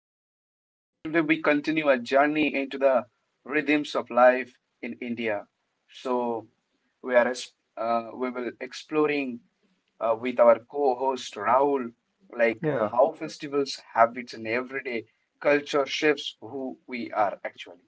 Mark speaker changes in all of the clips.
Speaker 1: again. Today, we continue our journey into the rhythms of life in India. So, we are es- we will exploring with our co-host Rahul, like
Speaker 2: Yeah.
Speaker 1: how festivals, habits, and everyday culture shapes who we are actually.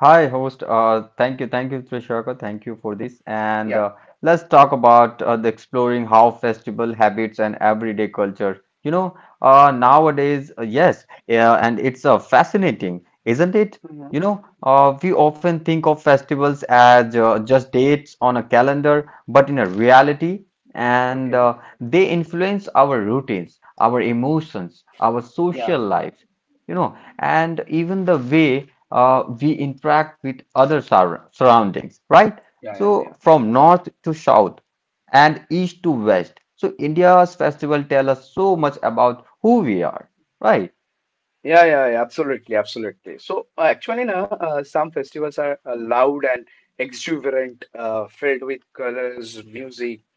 Speaker 2: Hi, host. Thank you, Trishaka. Thank you for this. And
Speaker 1: Yeah.
Speaker 2: Let's talk about the exploring how festival habits and everyday culture. You know, nowadays, yes, yeah, and it's fascinating, isn't it? You
Speaker 1: Mhm.
Speaker 2: know, we often think of festivals as just dates on a calendar, but in a reality, and
Speaker 1: Okay.
Speaker 2: they influence our routines, our emotions, our social
Speaker 1: Yeah.
Speaker 2: life. You know, and even the way we interact with other surroundings, right?
Speaker 1: Yeah, yeah,
Speaker 2: So
Speaker 1: yeah.
Speaker 2: from north to south and east to west. So India's festival tell us so much about who we are, right?
Speaker 1: Yeah, yeah, yeah, absolutely, absolutely. Some festivals are loud and exuberant, filled with colors, music.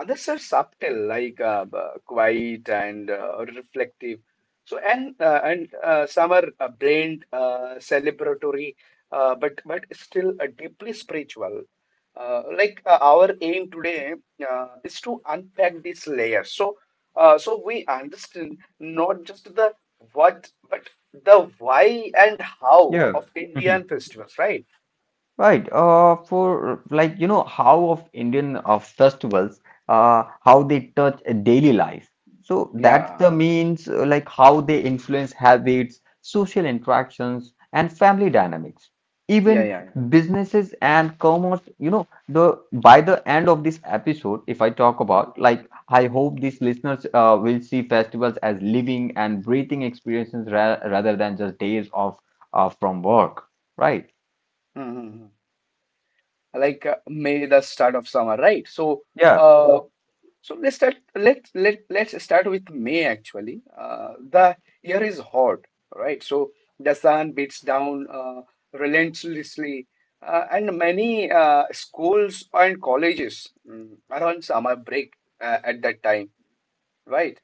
Speaker 1: Others are subtle, like quiet and reflective. So and Some are blamed, celebratory, but still deeply spiritual. Our aim today is to unpack these layers, so so we understand not just the what, but the why and how
Speaker 2: Yeah.
Speaker 1: of Indian festivals, right?
Speaker 2: Right. For like you know how of Indian festivals, how they touch a daily life. So that's
Speaker 1: Yeah,
Speaker 2: the means like how they influence habits, social interactions, and family dynamics.
Speaker 1: yeah,
Speaker 2: Even
Speaker 1: yeah, yeah.
Speaker 2: businesses and commerce. You know the by the end of this episode, if I talk about like I
Speaker 1: hmm
Speaker 2: hope these listeners will see festivals as living and breathing experiences ra rather than just days off from work. Right.
Speaker 1: hmm like May, the start of summer, right?
Speaker 2: Yeah.
Speaker 1: Uh, so let's start. Let's start with May actually. The year is hot, right? So the sun beats down relentlessly, and many schools and colleges are on summer break at that time, right?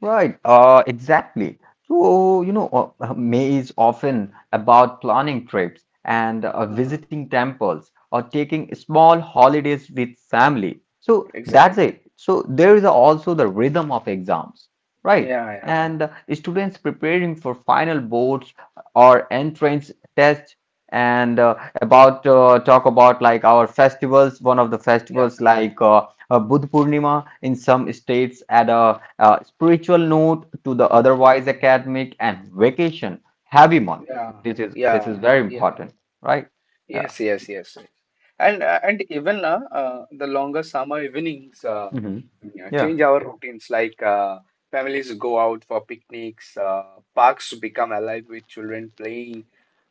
Speaker 2: Right, exactly. So, May is often about planning trips and
Speaker 1: Hmm.
Speaker 2: visiting temples or taking small holidays with family. So that's
Speaker 1: Exactly.
Speaker 2: it. So there is also the rhythm of exams, right?
Speaker 1: Yeah, yeah, yeah.
Speaker 2: And Students preparing for final boards or entrance tests and about talk about like our festivals, one of the
Speaker 1: Yeah.
Speaker 2: festivals like Budh Purnima in some states at a spiritual note to the otherwise
Speaker 1: Mhm.
Speaker 2: academic and vacation heavy month.
Speaker 1: Yeah,
Speaker 2: This is
Speaker 1: yeah,
Speaker 2: very
Speaker 1: yeah.
Speaker 2: important, right? Yeah.
Speaker 1: Yes, yes, yes, yes. And even the longer summer evenings
Speaker 2: Hmm.
Speaker 1: you know,
Speaker 2: Yeah.
Speaker 1: change our routines. Like families go out for picnics, parks become alive with children playing,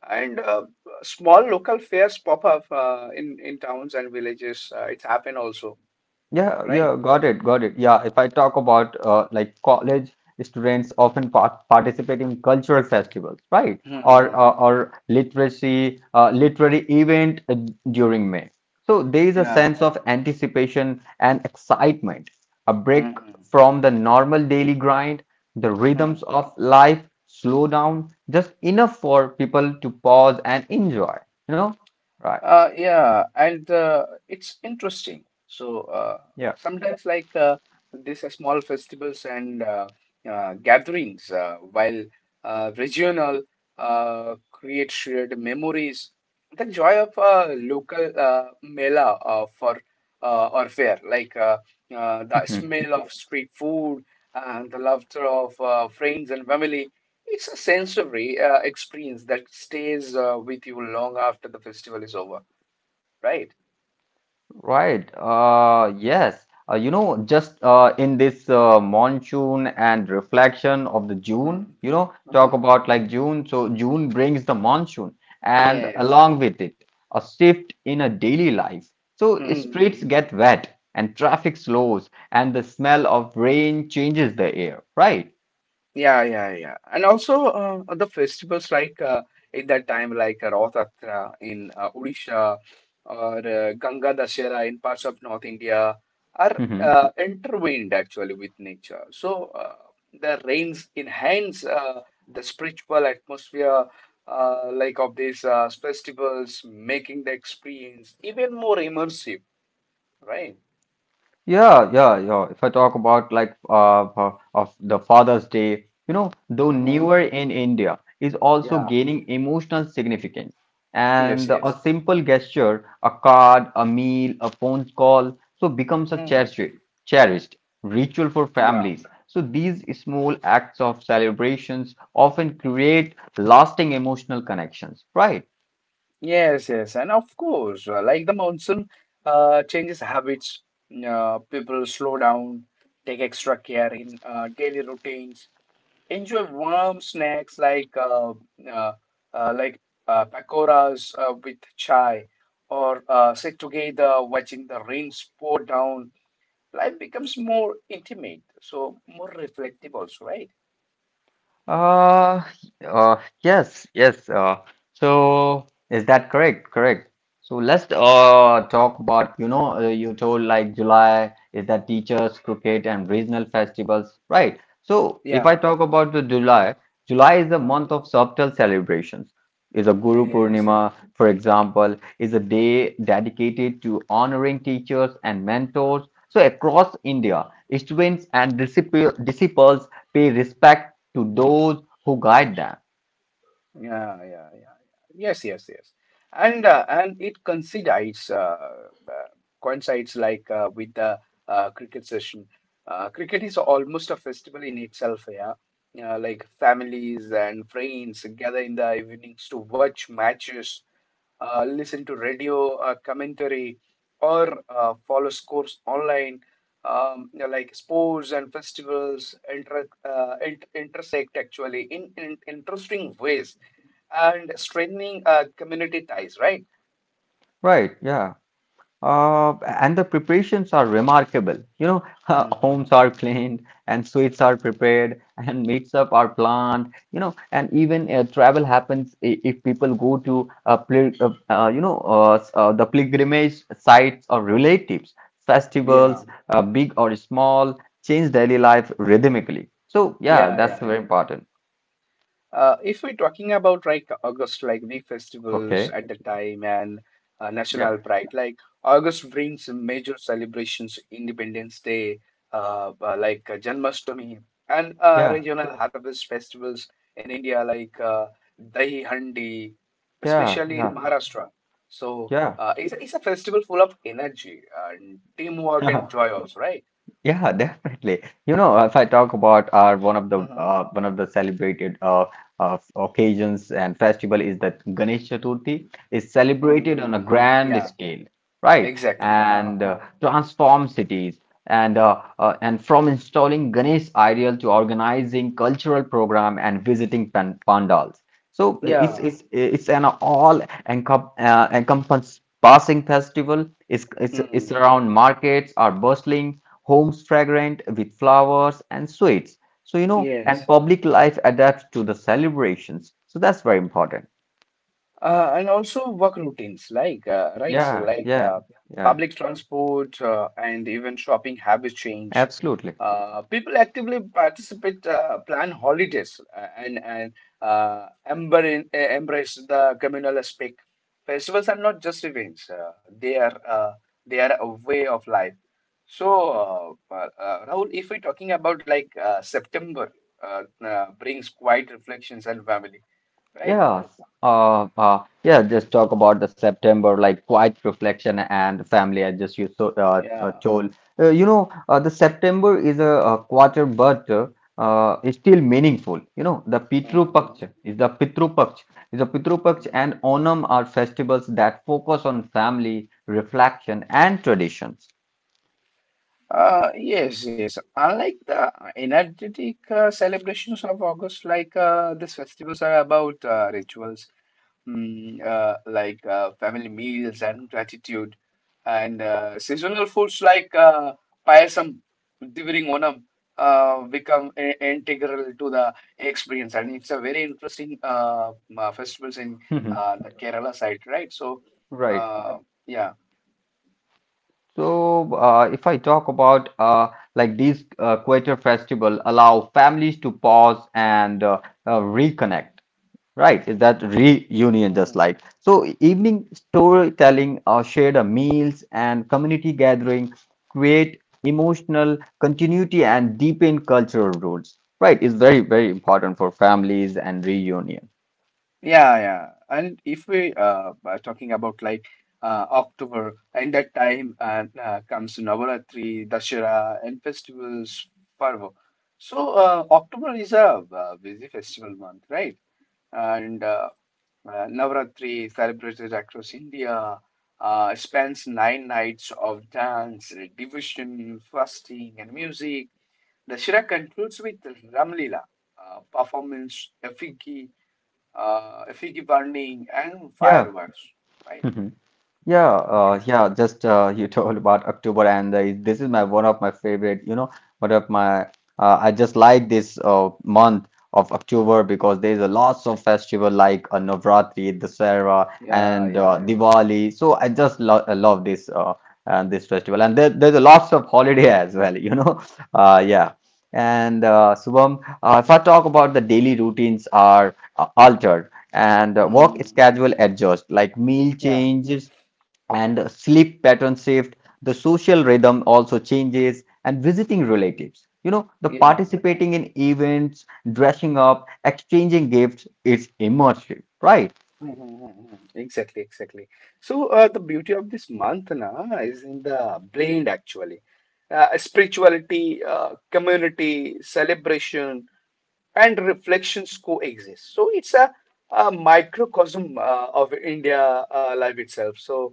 Speaker 1: and small local fairs pop up in towns and villages. It's happened also,
Speaker 2: Yeah,
Speaker 1: right?
Speaker 2: yeah, got it, got it. Yeah, if I talk about like college students often participate in cultural festivals, right? Or
Speaker 1: Hmm.
Speaker 2: literacy literary event during May. So there is a
Speaker 1: Yeah.
Speaker 2: sense of anticipation and excitement, a break
Speaker 1: Hmm.
Speaker 2: from the normal daily grind. The rhythms
Speaker 1: Hmm.
Speaker 2: of life slow down just enough for people to pause and enjoy. You know, right?
Speaker 1: Yeah, and it's interesting. So
Speaker 2: Yeah.
Speaker 1: sometimes like these are small festivals and gatherings, while regional create shared memories. The joy of a local mela for or fair, like the
Speaker 2: Mm-hmm.
Speaker 1: smell of street food and the laughter of friends and family. It's a sensory experience that stays with you long after the festival is over, right?
Speaker 2: Right. Yes. You know, just In this monsoon and reflection of the June, you know, talk about like
Speaker 1: Mm-hmm.
Speaker 2: June. So June brings the monsoon, and
Speaker 1: Yes.
Speaker 2: along with it, a shift in a daily life. So streets
Speaker 1: Hmm.
Speaker 2: get wet, and traffic slows, and the smell of rain changes the air. Right.
Speaker 1: Yeah, yeah, yeah. And also the festivals like in that time, like Rath Yatra in Odisha or Ganga Dashera in parts of North India are intertwined actually with nature. So the rains enhance the spiritual atmosphere like of these festivals, making the experience even more immersive, right?
Speaker 2: Yeah, yeah, yeah. If I talk about like of the Father's Day, you know, though
Speaker 1: Hmm.
Speaker 2: newer in India, is also
Speaker 1: Yeah.
Speaker 2: gaining emotional significance.
Speaker 1: Yes,
Speaker 2: And
Speaker 1: yes.
Speaker 2: a simple gesture, a card, a meal, a phone call, so becomes a
Speaker 1: Hmm.
Speaker 2: cherished ritual for
Speaker 1: Yeah.
Speaker 2: families. So these small acts of celebrations often create lasting emotional connections, right?
Speaker 1: Yes, yes, and of course, like the monsoon changes habits, people slow down, take extra care in daily routines, enjoy warm snacks like uh, uh, like pakoras with chai, or sit together watching the rains pour down. Life becomes more intimate, so more reflective also, right?
Speaker 2: Uh, yes, yes. So is that correct? Correct. So let's talk about, you know, you told like July is that teachers, cricket, and regional festivals, right? So if
Speaker 1: Yeah.
Speaker 2: I talk about the July, July is the month of
Speaker 1: Mhm.
Speaker 2: subtle celebrations. Is a Guru
Speaker 1: Yes, yes.
Speaker 2: Purnima, for example, is a day dedicated to honoring teachers and mentors. So across India, students and disciples pay respect to those who guide them.
Speaker 1: Yeah, yeah, yeah. Yes, yes, yes. And it coincides with the cricket session. Cricket is almost a festival in itself, yeah. Like families and friends gather in the evenings to watch matches, listen to radio commentary, or follow scores online. You know, like sports and festivals intersect actually in interesting ways and strengthening community ties, right?
Speaker 2: Right, yeah. Uh, and the preparations are remarkable. You know, homes are
Speaker 1: Mhm.
Speaker 2: cleaned and sweets are prepared and meetup are planned, you know, and even travel happens if people go to, pil- you know, s- the pilgrimage sites or relatives,
Speaker 1: Yeah,
Speaker 2: festivals, big or small, change daily life rhythmically. So, yeah,
Speaker 1: yeah,
Speaker 2: that's
Speaker 1: yeah, yeah.
Speaker 2: very important.
Speaker 1: If we're talking about like August, like big festivals
Speaker 2: Okay.
Speaker 1: at the time and
Speaker 2: Yeah.
Speaker 1: national pride, like August brings major celebrations, Independence Day, Janmashtami, and
Speaker 2: Yeah,
Speaker 1: regional harvest festivals in India, like Dahi Handi,
Speaker 2: yeah,
Speaker 1: especially in
Speaker 2: yeah,
Speaker 1: Maharashtra.
Speaker 2: yeah.
Speaker 1: It's a festival full of energy and teamwork
Speaker 2: Haha,
Speaker 1: and joy also, right?
Speaker 2: yeah, definitely. You know, if I talk about our
Speaker 1: Mm-hmm.
Speaker 2: one of the celebrated occasions and festival is that Ganesh Chaturthi is
Speaker 1: Mm-hmm.
Speaker 2: celebrated on a
Speaker 1: Mm-hmm.
Speaker 2: grand
Speaker 1: Yeah,
Speaker 2: scale, right?
Speaker 1: exactly. Ha,
Speaker 2: And
Speaker 1: ha, ha.
Speaker 2: Transform cities and from installing Ganesh ideal to organizing cultural program and visiting pandals. So it's
Speaker 1: Yeah.
Speaker 2: it's it's an all encom encompass passing festival. It's
Speaker 1: Mm.
Speaker 2: around markets are bustling homes fragrant with flowers and sweets. So, you know, and
Speaker 1: Yes.
Speaker 2: public life adapts to the celebrations. So that's very important.
Speaker 1: And also work routines, like right, so
Speaker 2: Yeah,
Speaker 1: like
Speaker 2: yeah, yeah,
Speaker 1: public transport and even shopping habits change.
Speaker 2: absolutely.
Speaker 1: People actively participate, plan holidays, and embrace the communal aspect. Festivals are not just events; they are a way of life. So, Rahul, if we're talking about like September, brings quiet reflections and family, right?
Speaker 2: Yes. Yeah, just talk about the September, like quiet reflection and family. I just you so
Speaker 1: Yeah.
Speaker 2: told. You know, the September is a quarter, but it's still meaningful. You know, the
Speaker 1: Mhm,
Speaker 2: Pitru Paksha, and
Speaker 1: mhm.
Speaker 2: Onam are festivals that focus on family, reflection, and traditions.
Speaker 1: Yes, yes. Unlike the energetic celebrations of August, like these festivals are about rituals, family meals and gratitude, and seasonal foods like payasam during Onam become integral to the experience, and it's a very interesting festivals in the Kerala side, right? So,
Speaker 2: Right.
Speaker 1: uh, yeah.
Speaker 2: So, if I talk about like these Quater festival allow families to pause and reconnect, right? Is that reunion just like? So, evening storytelling, shared meals, and community gathering create emotional continuity and deepen cultural roots, right? Is very, very important for families and reunion.
Speaker 1: Yeah, yeah. And if we are talking about like October and that time and comes Navaratri, Dashera and festivals Parvo. So October is a busy festival month, right? And Navaratri celebrated across India, spans nine nights of dance, devotion, fasting, and music. Dashera concludes with Ramlila, performance, effigy burning and
Speaker 2: Yeah.
Speaker 1: fireworks, right?
Speaker 2: Yeah,
Speaker 1: Yeah.
Speaker 2: yeah. Just you told about October, and this is my one of my favorite. You know, one of my I just like this month of October because there's a lots of festival like Navratri, Dussehra,
Speaker 1: Yeah,
Speaker 2: and
Speaker 1: yeah, yeah.
Speaker 2: Diwali. So I just lo I love this this festival, and there's a lots of holiday as well. You know, yeah. And Shubham, if I talk about the daily routines are altered and work
Speaker 1: Hmm.
Speaker 2: schedule adjust like meal
Speaker 1: Yeah,
Speaker 2: changes and sleep pattern shift the social rhythm also changes and visiting relatives you know the
Speaker 1: yeah.
Speaker 2: participating in events dressing up exchanging gifts it's immersive right
Speaker 1: Hmm. Hmm. Exactly, exactly. So the beauty of this month na is in the blend actually. Spirituality, community, celebration, and reflections coexist. So it's a microcosm of India life itself. So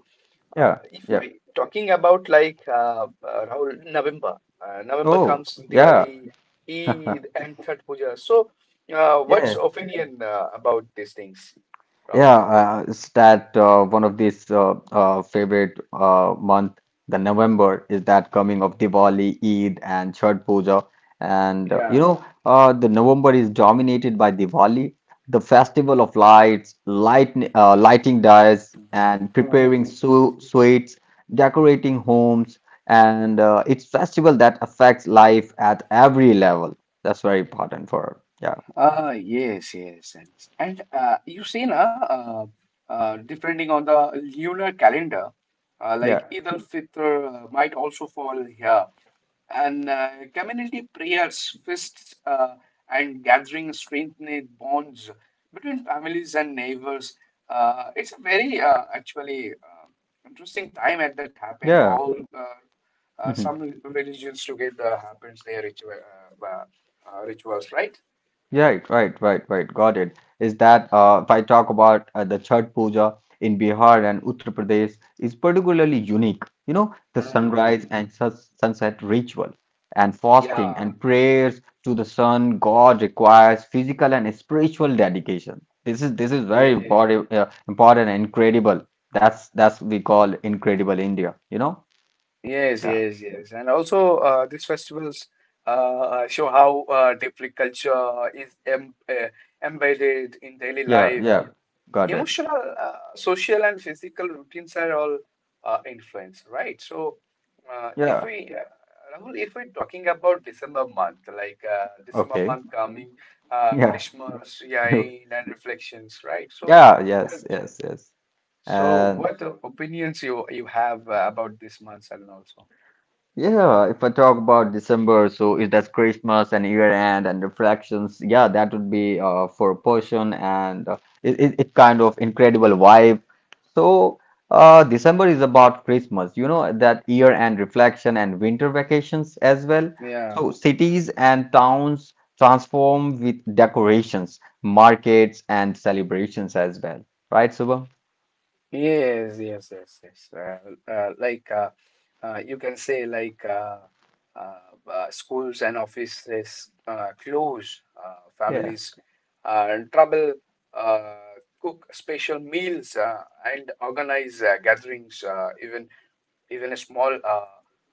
Speaker 2: yeah
Speaker 1: uh, if
Speaker 2: yeah
Speaker 1: we talking about like Rahul, November, November
Speaker 2: oh
Speaker 1: comes
Speaker 2: yeah
Speaker 1: Diwali, Eid, and Chhath Puja. So what's
Speaker 2: yeah.
Speaker 1: opinion about these things, Rahul?
Speaker 2: Yeah, it's that one of these favorite month, the November is that coming of Diwali, Eid, and Chhath Puja, and you
Speaker 1: Yeah.
Speaker 2: know the November is dominated by Diwali, the festival of lights, lighting dyes, and preparing
Speaker 1: Mhm.
Speaker 2: su sweets, decorating homes, and it's festival that affects life at every level. That's very important for yeah,
Speaker 1: Yes, yes, yes. And you see, na, depending on the lunar calendar,
Speaker 2: yeah,
Speaker 1: like Eid al-Fitr might also fall here, and community prayers, feasts, and gatherings strengthen bonds between families and neighbors. It's a very actually interesting time at that happen.
Speaker 2: yeah.
Speaker 1: All some religions together happens their ritual, uh, rituals, right?
Speaker 2: Right, right, right, right. Got it. Is that if I talk about the Chhat Puja in Bihar and Uttar Pradesh is particularly unique. You know, the sunrise
Speaker 1: Hmm.
Speaker 2: and sus sunset ritual and fasting
Speaker 1: Yeah,
Speaker 2: and prayers to the sun god requires physical and spiritual dedication. This is very
Speaker 1: yeah,
Speaker 2: important, important and incredible. That's we call incredible India. You know?
Speaker 1: yes,
Speaker 2: Yeah,
Speaker 1: yes, yes. And also, these festivals show how deeply culture is embedded in daily
Speaker 2: yeah,
Speaker 1: life.
Speaker 2: yeah. Got it.
Speaker 1: Emotional, social, and physical routines are all influenced, right? So, if
Speaker 2: Yeah.
Speaker 1: we, Rahul, if we're talking about December month, like December
Speaker 2: Okay.
Speaker 1: month coming,
Speaker 2: Yeah.
Speaker 1: Christmas, yeah, and reflections, right? So,
Speaker 2: Yeah.
Speaker 1: what?
Speaker 2: Yes. Yes. Yes.
Speaker 1: So,
Speaker 2: And
Speaker 1: what opinions you have about this Mansalan also?
Speaker 2: yeah, if I talk about December, so it has Christmas and year end and reflections. Yeah, that would be for a portion and uh, it kind of incredible vibe. So December is about Christmas, you know, that year end reflection and winter vacations as well. So
Speaker 1: Yeah.
Speaker 2: cities and towns transform with decorations, markets and celebrations as well. Right, Subham?
Speaker 1: Yes, yes, yes, yes. Like You can say like schools and offices close,
Speaker 2: Yeah.
Speaker 1: families in trouble, cook special meals and organize gatherings, even small uh,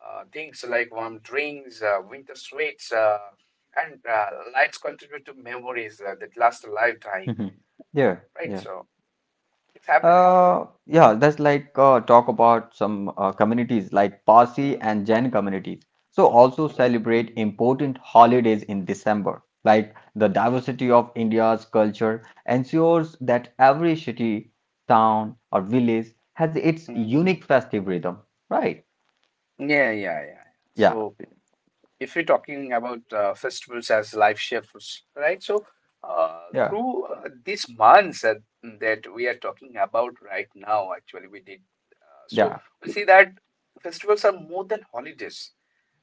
Speaker 1: uh, things like warm drinks, winter sweets, and lights contribute to memories that last a lifetime,
Speaker 2: Yeah.
Speaker 1: right?
Speaker 2: Yeah.
Speaker 1: So it happened actually.
Speaker 2: Yeah, that's like talk about some communities like Parsi and
Speaker 1: Mm-hmm.
Speaker 2: Jain communities. So also celebrate important holidays in December. Like the diversity of India's culture ensures that every city, town, or village has its unique festive rhythm. Right?
Speaker 1: Yeah, yeah, yeah.
Speaker 2: Yeah,
Speaker 1: So if we are talking about festivals as life shifts, right? So uh,
Speaker 2: yeah,
Speaker 1: through uh, these months that, that we are talking about right now, actually, we did. So
Speaker 2: yeah.
Speaker 1: we see that festivals are more than holidays.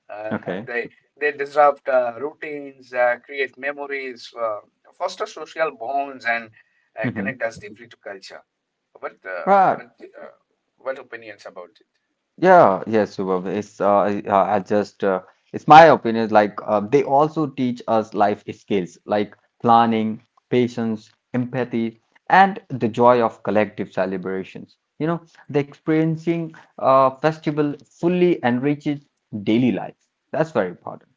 Speaker 1: Uh,
Speaker 2: Okay.
Speaker 1: they they disrupt routines, create memories, foster social bonds, and
Speaker 2: Hmm.
Speaker 1: connect us deeply to culture. What uh,
Speaker 2: Right.
Speaker 1: what uh, what opinions about it?
Speaker 2: Yeah, yes, Shubham. It's I just It's my opinion. Like they also teach us life skills like planning, patience, empathy, and the joy of collective celebrations. You know, the experiencing festival fully enriches daily life. That's very important.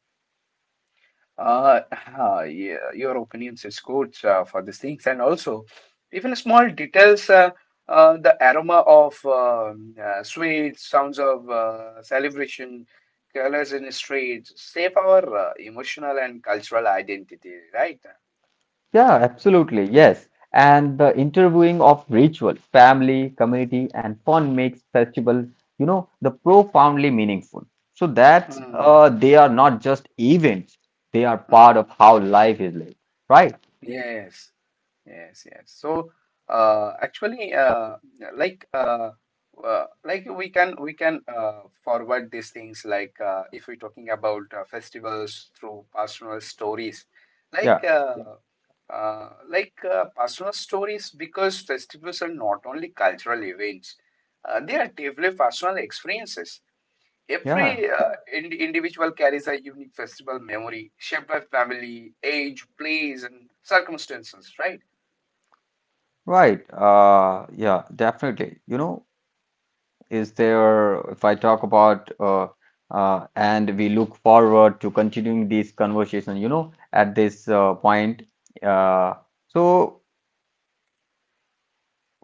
Speaker 1: Uh, yeah, your opinions is good for these things, and also even small details. The aroma of sweets, sounds of celebration, colors in streets, shape our emotional and cultural identity, right?
Speaker 2: Yeah, absolutely. Yes. And the interviewing of ritual, family, community, and fun makes festival, you know, the profoundly meaningful. So that they are not just events, they are part of
Speaker 1: Hmm.
Speaker 2: how life is lived. Right?
Speaker 1: Yes, yes, yes. So, actually, like, uh, like we can forward these things. Like, if we're talking about festivals through personal stories,
Speaker 2: Yeah.
Speaker 1: like, personal stories, because festivals are not only cultural events; they are deeply personal experiences.
Speaker 2: Yeah.
Speaker 1: Every individual carries a unique festival memory shaped by family, age, place, and circumstances, right?
Speaker 2: Right. Yeah, definitely. You know, is there, if I talk about, and we look forward to continuing this conversation, you know, at this point. Uh, so,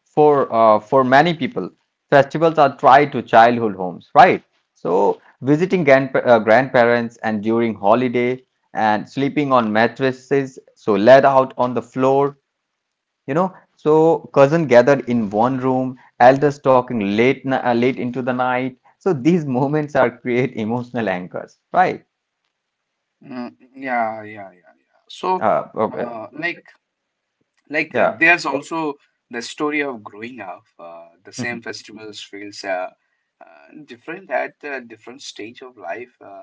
Speaker 2: for many people, festivals are tied to childhood homes, right? So visiting grandparents and during holiday and sleeping on mattresses, so laid out on the floor, you know. So cousin gathered in one room, elders talking late into the night. So these moments are create emotional anchors, right?
Speaker 1: Yeah, yeah, yeah, yeah. So,
Speaker 2: Okay,
Speaker 1: uh, like,
Speaker 2: yeah.
Speaker 1: there's also the story of growing up. The
Speaker 2: Mhm.
Speaker 1: same festivals feels different at a different stage of life. Uh,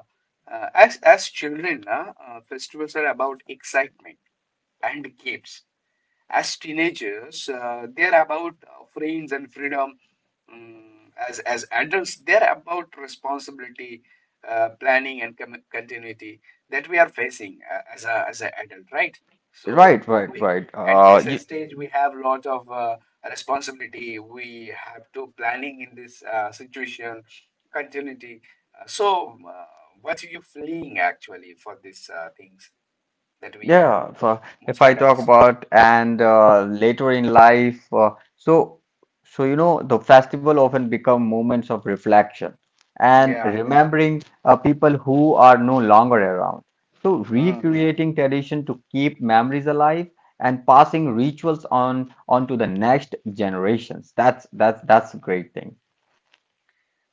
Speaker 1: uh, as as children, festivals are about excitement and games. As teenagers, they're about freeings and freedom. Um, as adults, they're about responsibility, planning, and continuity that we are facing as an adult, right? So
Speaker 2: Right, right,
Speaker 1: we,
Speaker 2: right.
Speaker 1: at this stage, we have lot of responsibility. We have to planning in this situation, continuity. So, what are you fleeing actually for these things that we are
Speaker 2: Yeah, if I
Speaker 1: most
Speaker 2: talk
Speaker 1: adults?
Speaker 2: about and later in life, so so you know the festival often become moments of reflection and
Speaker 1: Yeah.
Speaker 2: remembering people who are no longer around. So
Speaker 1: Hmm.
Speaker 2: recreating tradition to keep memories alive and passing rituals on to the next generations. That's a great thing.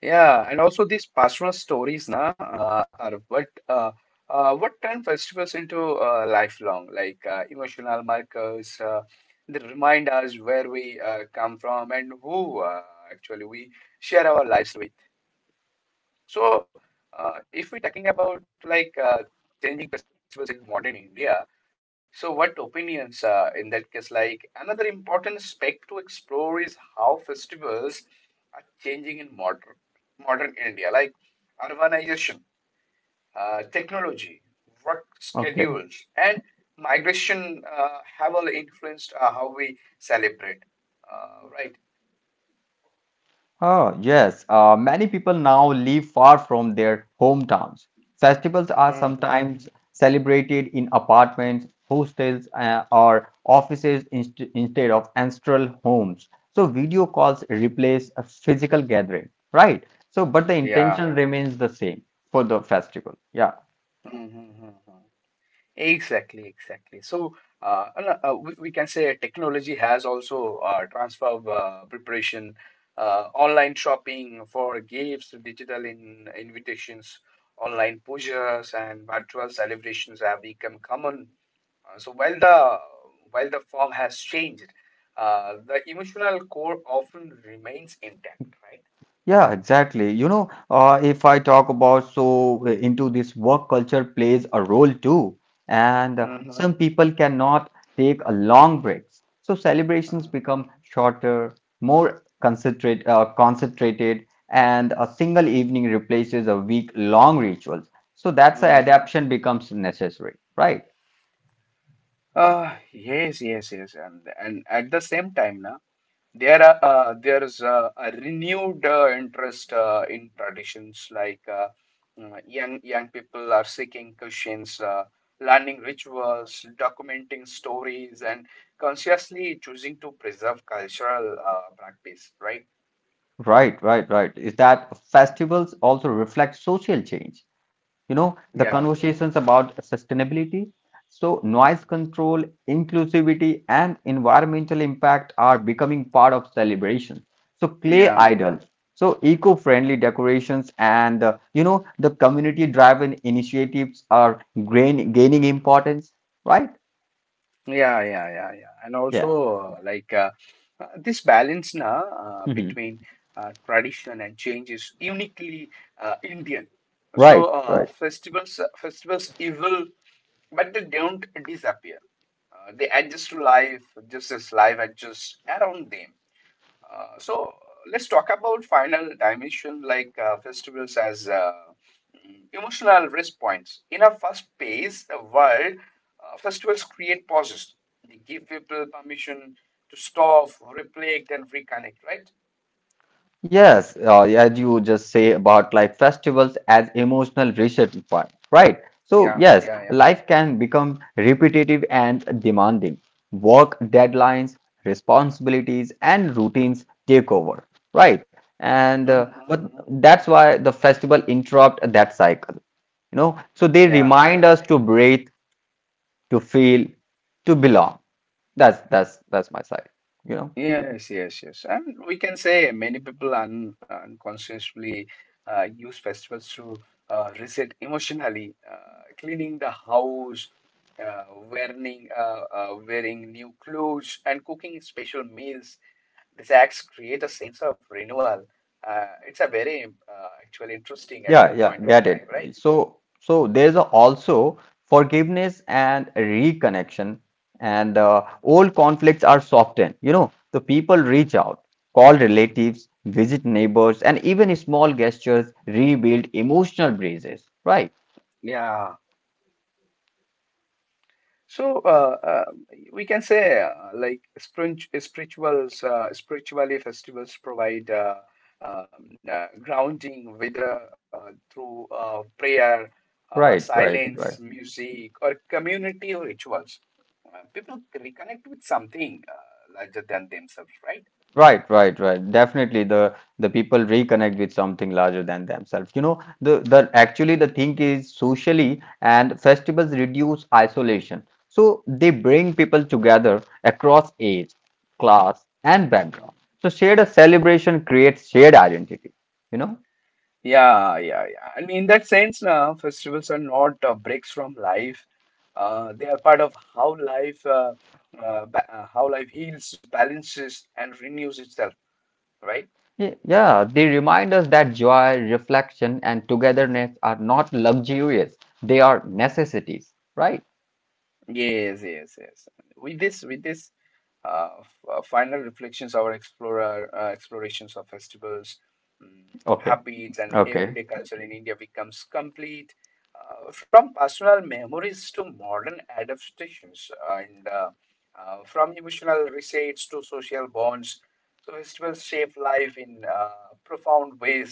Speaker 1: Yeah, and also these pastoral stories, na, are what turn festivals into lifelong, like emotional markers that remind us where we come from and who actually we share our lives with. So, if we're talking about like changing festivals in modern India, so what opinions in that case? Like another important aspect to explore is how festivals are changing in modern India, like urbanization, technology, work schedules,
Speaker 2: Okay.
Speaker 1: and migration have all influenced how we celebrate, right?
Speaker 2: Oh, yes. Many people now live far from their hometowns. Festivals are
Speaker 1: Mhm.
Speaker 2: sometimes celebrated in apartments, hostels, or offices instead of ancestral homes. So video calls replace a physical gathering, right? So, but the
Speaker 1: Yeah.
Speaker 2: intention remains the same for the festival. Yeah.
Speaker 1: Mhm. Exactly, exactly. So we can say technology has also transformed preparation, online shopping for gifts, digital in invitations, online pujas, and virtual celebrations have become common. So while the form has changed, the emotional core often remains intact, right?
Speaker 2: Yeah, exactly. You know, if I talk about so into this work culture plays a role too, and some
Speaker 1: Mm-hmm.
Speaker 2: people cannot take a long breaks. So celebrations become shorter, concentrated, and a single evening replaces a week-long rituals. So that's the
Speaker 1: Mm-hmm.
Speaker 2: adaptation becomes necessary, right?
Speaker 1: Yes, yes, yes, and at the same time, na. There is a renewed interest in traditions like, young people are seeking cushions, learning rituals, documenting stories, and consciously choosing to preserve cultural practice. Right?
Speaker 2: Right, right, right. Is that festivals also reflect social change? You know the
Speaker 1: Yeah.
Speaker 2: conversations about sustainability, so noise control, inclusivity and environmental impact are becoming part of celebration, so clay
Speaker 1: Yeah.
Speaker 2: idol, so eco-friendly decorations and you know the community driven initiatives are gaining importance, right?
Speaker 1: Yeah, yeah, yeah, yeah. And
Speaker 2: Yeah.
Speaker 1: also, this balance na,
Speaker 2: Mhm.
Speaker 1: between tradition and change is uniquely Indian.
Speaker 2: Right,
Speaker 1: So
Speaker 2: right.
Speaker 1: festivals evil, but they don't disappear. They adjust to life just as life adjusts around them. So let's talk about final dimension like festivals as emotional rest points. In a fast-paced world, festivals create pauses. They give people permission to stop, reflect, and reconnect, right?
Speaker 2: Yes, as you just say about like festivals as emotional reset point, right? So
Speaker 1: Yeah,
Speaker 2: yes,
Speaker 1: yeah, yeah.
Speaker 2: life can become repetitive and demanding. Work deadlines, responsibilities, and routines take over, right? And
Speaker 1: Mhm,
Speaker 2: but
Speaker 1: mhm.
Speaker 2: that's why the festival interrupt that cycle, you know. So they
Speaker 1: Yeah,
Speaker 2: remind
Speaker 1: yeah.
Speaker 2: us to breathe, to feel, to belong. That's my side, you know.
Speaker 1: Yes, yes, yes. And we can say many people un unconsciously use festivals to reset emotionally, cleaning the house, uh, wearing new clothes, and cooking special meals. These acts create a sense of renewal. It's a very actually interesting at
Speaker 2: Yeah,
Speaker 1: that
Speaker 2: yeah,
Speaker 1: point of
Speaker 2: get
Speaker 1: time,
Speaker 2: it.
Speaker 1: right?
Speaker 2: So there's a also forgiveness and reconnection, and old conflicts are softened. You know, the people reach out, call relatives, visit neighbors, and even small gestures rebuild emotional bridges. Right,
Speaker 1: Yeah. So we can say, like spiritually, festivals provide grounding, whether through prayer,
Speaker 2: right, right,
Speaker 1: silence,
Speaker 2: right.
Speaker 1: music, or community rituals. People reconnect with something larger than themselves,
Speaker 2: Right, right, right. Definitely, the people reconnect with something larger than themselves. You know, the actually the thing is socially and festivals reduce isolation. So they bring people together across age, class, and
Speaker 1: right?
Speaker 2: background. So shared a celebration creates shared identity. You know,
Speaker 1: Yeah, yeah, yeah. I mean, in that sense, festivals are not breaks from life. They are part of how life, ba how life heals, balances, and renews itself. Right?
Speaker 2: yeah, they remind us that joy, reflection, and togetherness are not luxurious; they are necessities. Right?
Speaker 1: Yes, yes, yes. With this, f final reflections, our explorer explorations of festivals, mm,
Speaker 2: Okay.
Speaker 1: habits, and
Speaker 2: Okay.
Speaker 1: everyday culture in India becomes complete. From personal memories to modern adaptations, and from emotional resets to social bonds, so festivals shape life in profound ways.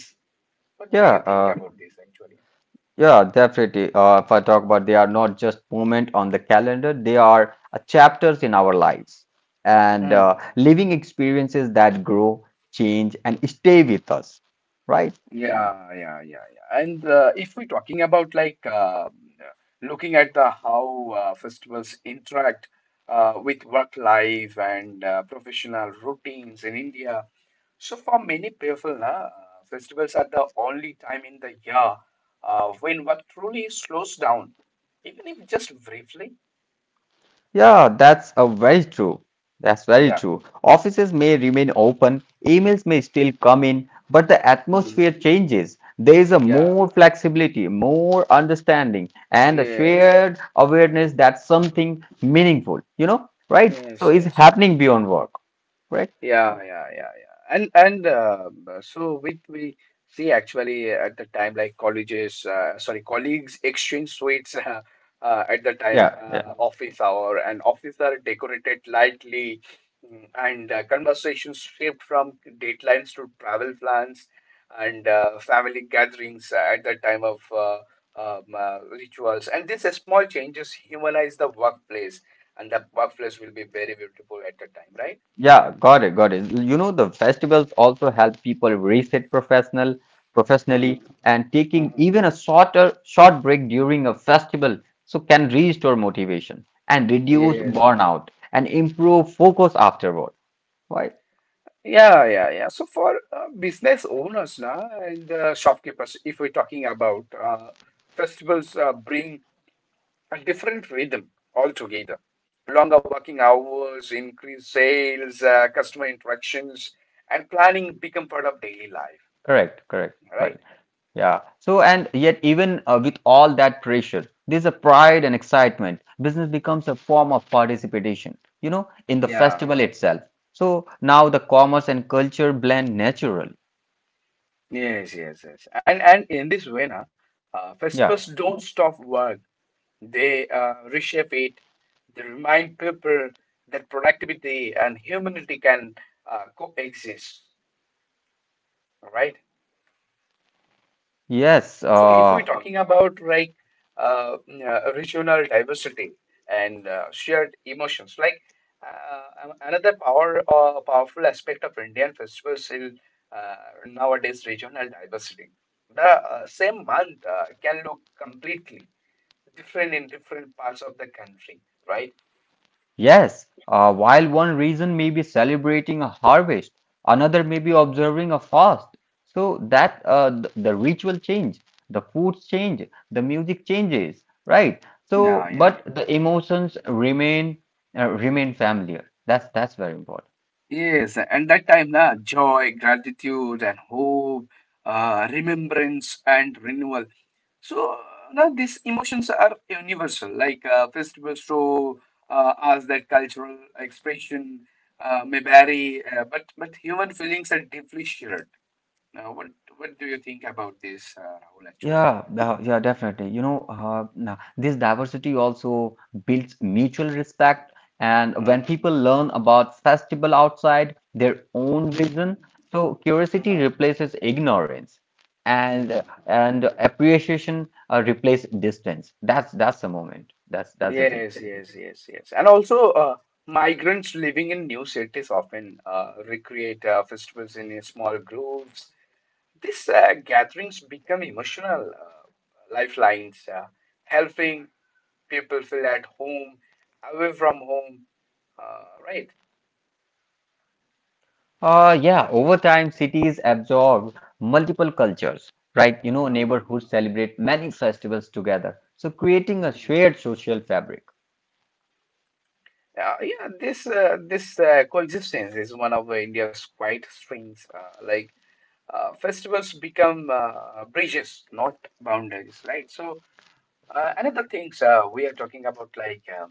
Speaker 1: What do you
Speaker 2: Yeah.
Speaker 1: think about this actually?
Speaker 2: Yeah, definitely. If I talk about they are not just moment on the calendar, they are chapters in our lives and living experiences that grow, change, and stay with us, right?
Speaker 1: Yeah, yeah, yeah, yeah. And if we're talking about, looking at the how festivals interact with work life and professional routines in India, so for many people, na, festivals are the only time in the year when work truly slows down, even if just briefly.
Speaker 2: Yeah, that's a very true. That's very
Speaker 1: Yeah.
Speaker 2: true. Offices may remain open, emails may still come in, but the atmosphere
Speaker 1: Mhm.
Speaker 2: changes. There is a
Speaker 1: Yeah.
Speaker 2: more flexibility, more understanding, and a
Speaker 1: Yes.
Speaker 2: shared awareness that something meaningful, you know, right?
Speaker 1: Yes.
Speaker 2: So it's
Speaker 1: Yes.
Speaker 2: happening beyond work, right?
Speaker 1: Yeah, yeah, yeah, yeah. And we see actually at the time like colleges, sorry, colleagues exchange sweets at the time
Speaker 2: Yeah, yeah.
Speaker 1: office hour, and office are decorated lightly, and conversations shift from deadlines to travel plans, and family gatherings at the time of rituals. And these small changes humanize the workplace, and the workplace will be very beautiful at the time,
Speaker 2: Yeah, got it, got it. You know, the festivals also help people reset
Speaker 1: right?
Speaker 2: professionally and taking
Speaker 1: Mhm.
Speaker 2: even a short break during a festival so can restore motivation and reduce
Speaker 1: Yes.
Speaker 2: burnout and improve focus afterward. Right?
Speaker 1: Yeah, yeah, yeah. So for business owners na, and shopkeepers, if we're talking about festivals, bring a different rhythm altogether. Longer working hours, increased sales, customer interactions, and planning become part of daily life,
Speaker 2: Correct, correct,
Speaker 1: right?
Speaker 2: right. Yeah. So and yet even with all that pressure, there's a pride and excitement. Business becomes a form of participation, you know, in the
Speaker 1: Yeah.
Speaker 2: festival itself. So now the commerce and culture blend naturally.
Speaker 1: Yes, yes, yes. And in this way, na, festivals
Speaker 2: Yeah,
Speaker 1: don't stop work. They reshape it. They remind people that productivity and humanity can coexist, right?
Speaker 2: yes,
Speaker 1: So if we're
Speaker 2: uh,
Speaker 1: talking about uh, regional diversity and shared emotions, like another powerful aspect of Indian festivals is uh, nowadays regional diversity. The same month can look completely different in different parts of the country, right?
Speaker 2: yes. While one reason may be celebrating a harvest, another may be observing a fast. So the ritual change, the foods change, the music changes, right?
Speaker 1: Yeah,
Speaker 2: So,
Speaker 1: yeah, yeah.
Speaker 2: but the emotions remain remain familiar. That's very important.
Speaker 1: Yes, and that time, na, joy, gratitude, and hope, remembrance, and renewal. So now these emotions are universal, like festivals show us that cultural expression may vary, but human feelings are deeply shared. Now, what do you think about this, Rahul? Actually,
Speaker 2: Yeah, yeah, definitely. You know, nah, this diversity also builds mutual respect. And when
Speaker 1: mhm,
Speaker 2: people learn about festival outside their own region,
Speaker 1: mhm,
Speaker 2: so curiosity
Speaker 1: mhm,
Speaker 2: replaces ignorance,
Speaker 1: mhm.
Speaker 2: and appreciation replace distance. That's the moment. That's the thing.
Speaker 1: Yes, yes, yes, yes. And also, migrants living in new cities often recreate festivals in small groups. These gatherings become emotional lifelines, helping people feel at home, away from home, right?
Speaker 2: Yeah, over time, cities absorb multiple cultures, right? You know,
Speaker 1: Mm.
Speaker 2: neighborhoods celebrate many festivals together, so creating a
Speaker 1: Mhm.
Speaker 2: shared social fabric.
Speaker 1: Yeah, yeah. This coexistence is one of India's quiet strengths. Festivals become bridges, not boundaries, right? So another things we are talking about like um,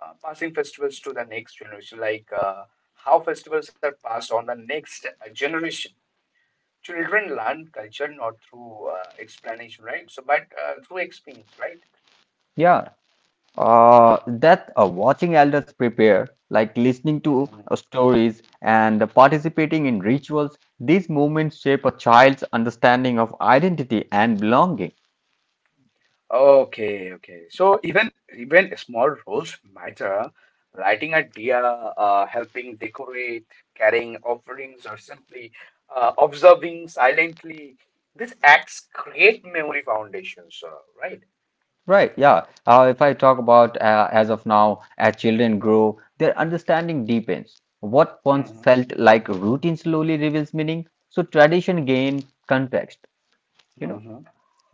Speaker 1: uh, passing festivals to the next generation, like how festivals are passed on the next generation. Children learn culture not through explanation, right? So, but through experience, right?
Speaker 2: Yeah. That Watching elders prepare, like listening to
Speaker 1: Mm-hmm.
Speaker 2: stories and participating in rituals, these movements shape a child's understanding of identity and belonging.
Speaker 1: Okay, okay. So even small roles matter. Writing a dia, helping decorate, carrying offerings, or simply observing silently. These acts create memory foundations, right?
Speaker 2: Right, yeah. If I talk about as of now, as children grow, their understanding deepens. What once felt like routine slowly reveals meaning, so tradition gain context, you know?
Speaker 1: Mm-hmm.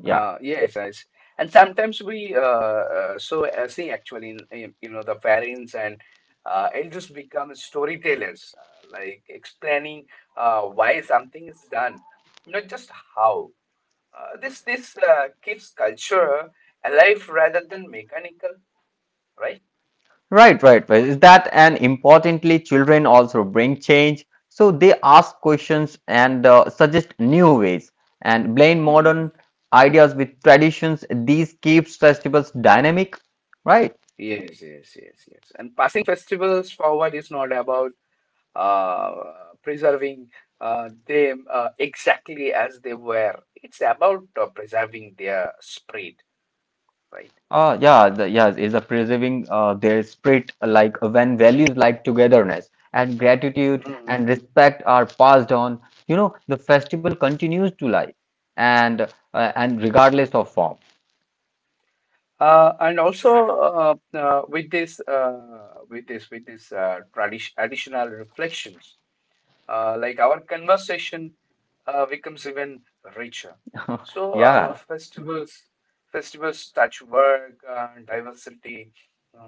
Speaker 2: Yeah.
Speaker 1: yes, yes. And sometimes we see actually in, you know, the parents and elders become storytellers, like explaining why something is done, not just how. This keeps culture alive rather than mechanical, right?
Speaker 2: Right, right, right. Is that and importantly, children also bring change. So they ask questions and suggest new ways and blend modern
Speaker 1: Hmm.
Speaker 2: ideas with traditions. These keeps festivals dynamic, right?
Speaker 1: Yes, yes, yes, yes. And passing festivals forward is not about uh, preserving them exactly as they were. It's about preserving their spirit, right?
Speaker 2: Yeah, is a preserving their spirit like when values like togetherness and gratitude
Speaker 1: Mm.
Speaker 2: and respect are passed on. You know, the festival continues to life and and regardless of form.
Speaker 1: And also, with this tradition, additional reflections, like our conversation becomes even richer. So
Speaker 2: Yeah.
Speaker 1: festivals touch work, diversity,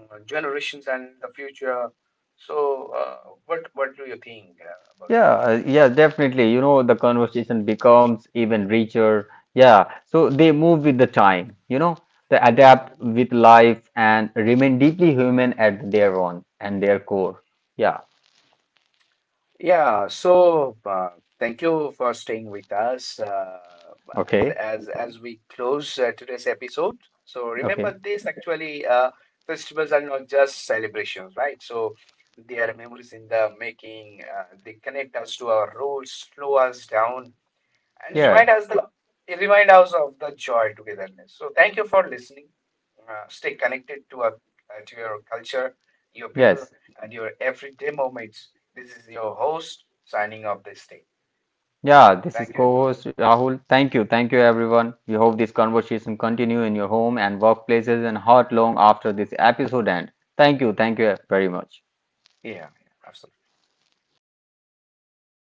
Speaker 1: generations, and the future. So, what do you think about
Speaker 2: Yeah,
Speaker 1: this?
Speaker 2: yeah, definitely. You know, the conversation becomes even richer. Yeah, so they move with the time, you know, they adapt
Speaker 1: Mm.
Speaker 2: with life and remain deeply human at their own and their core. Yeah,
Speaker 1: Yeah, so thank you for staying with us uh, as
Speaker 2: okay,
Speaker 1: as as we close today's episode. So
Speaker 2: okay.
Speaker 1: remember this actually, festivals are not just celebrations, right? So they are memories in the making. They connect us to our roots, slow us down, and
Speaker 2: Yeah,
Speaker 1: remind us of the joy togetherness. So thank you for listening. Stay connected to our to your culture, your
Speaker 2: yes.
Speaker 1: people, and your everyday moments. This is your host signing off this day.
Speaker 2: Yeah, this is
Speaker 1: Thank you, everyone.
Speaker 2: co-host Rahul. Thank you everyone. We hope this conversation continue in your home and workplaces and heart long after this episode end. Thank you very much.
Speaker 1: Yeah, yeah, absolutely.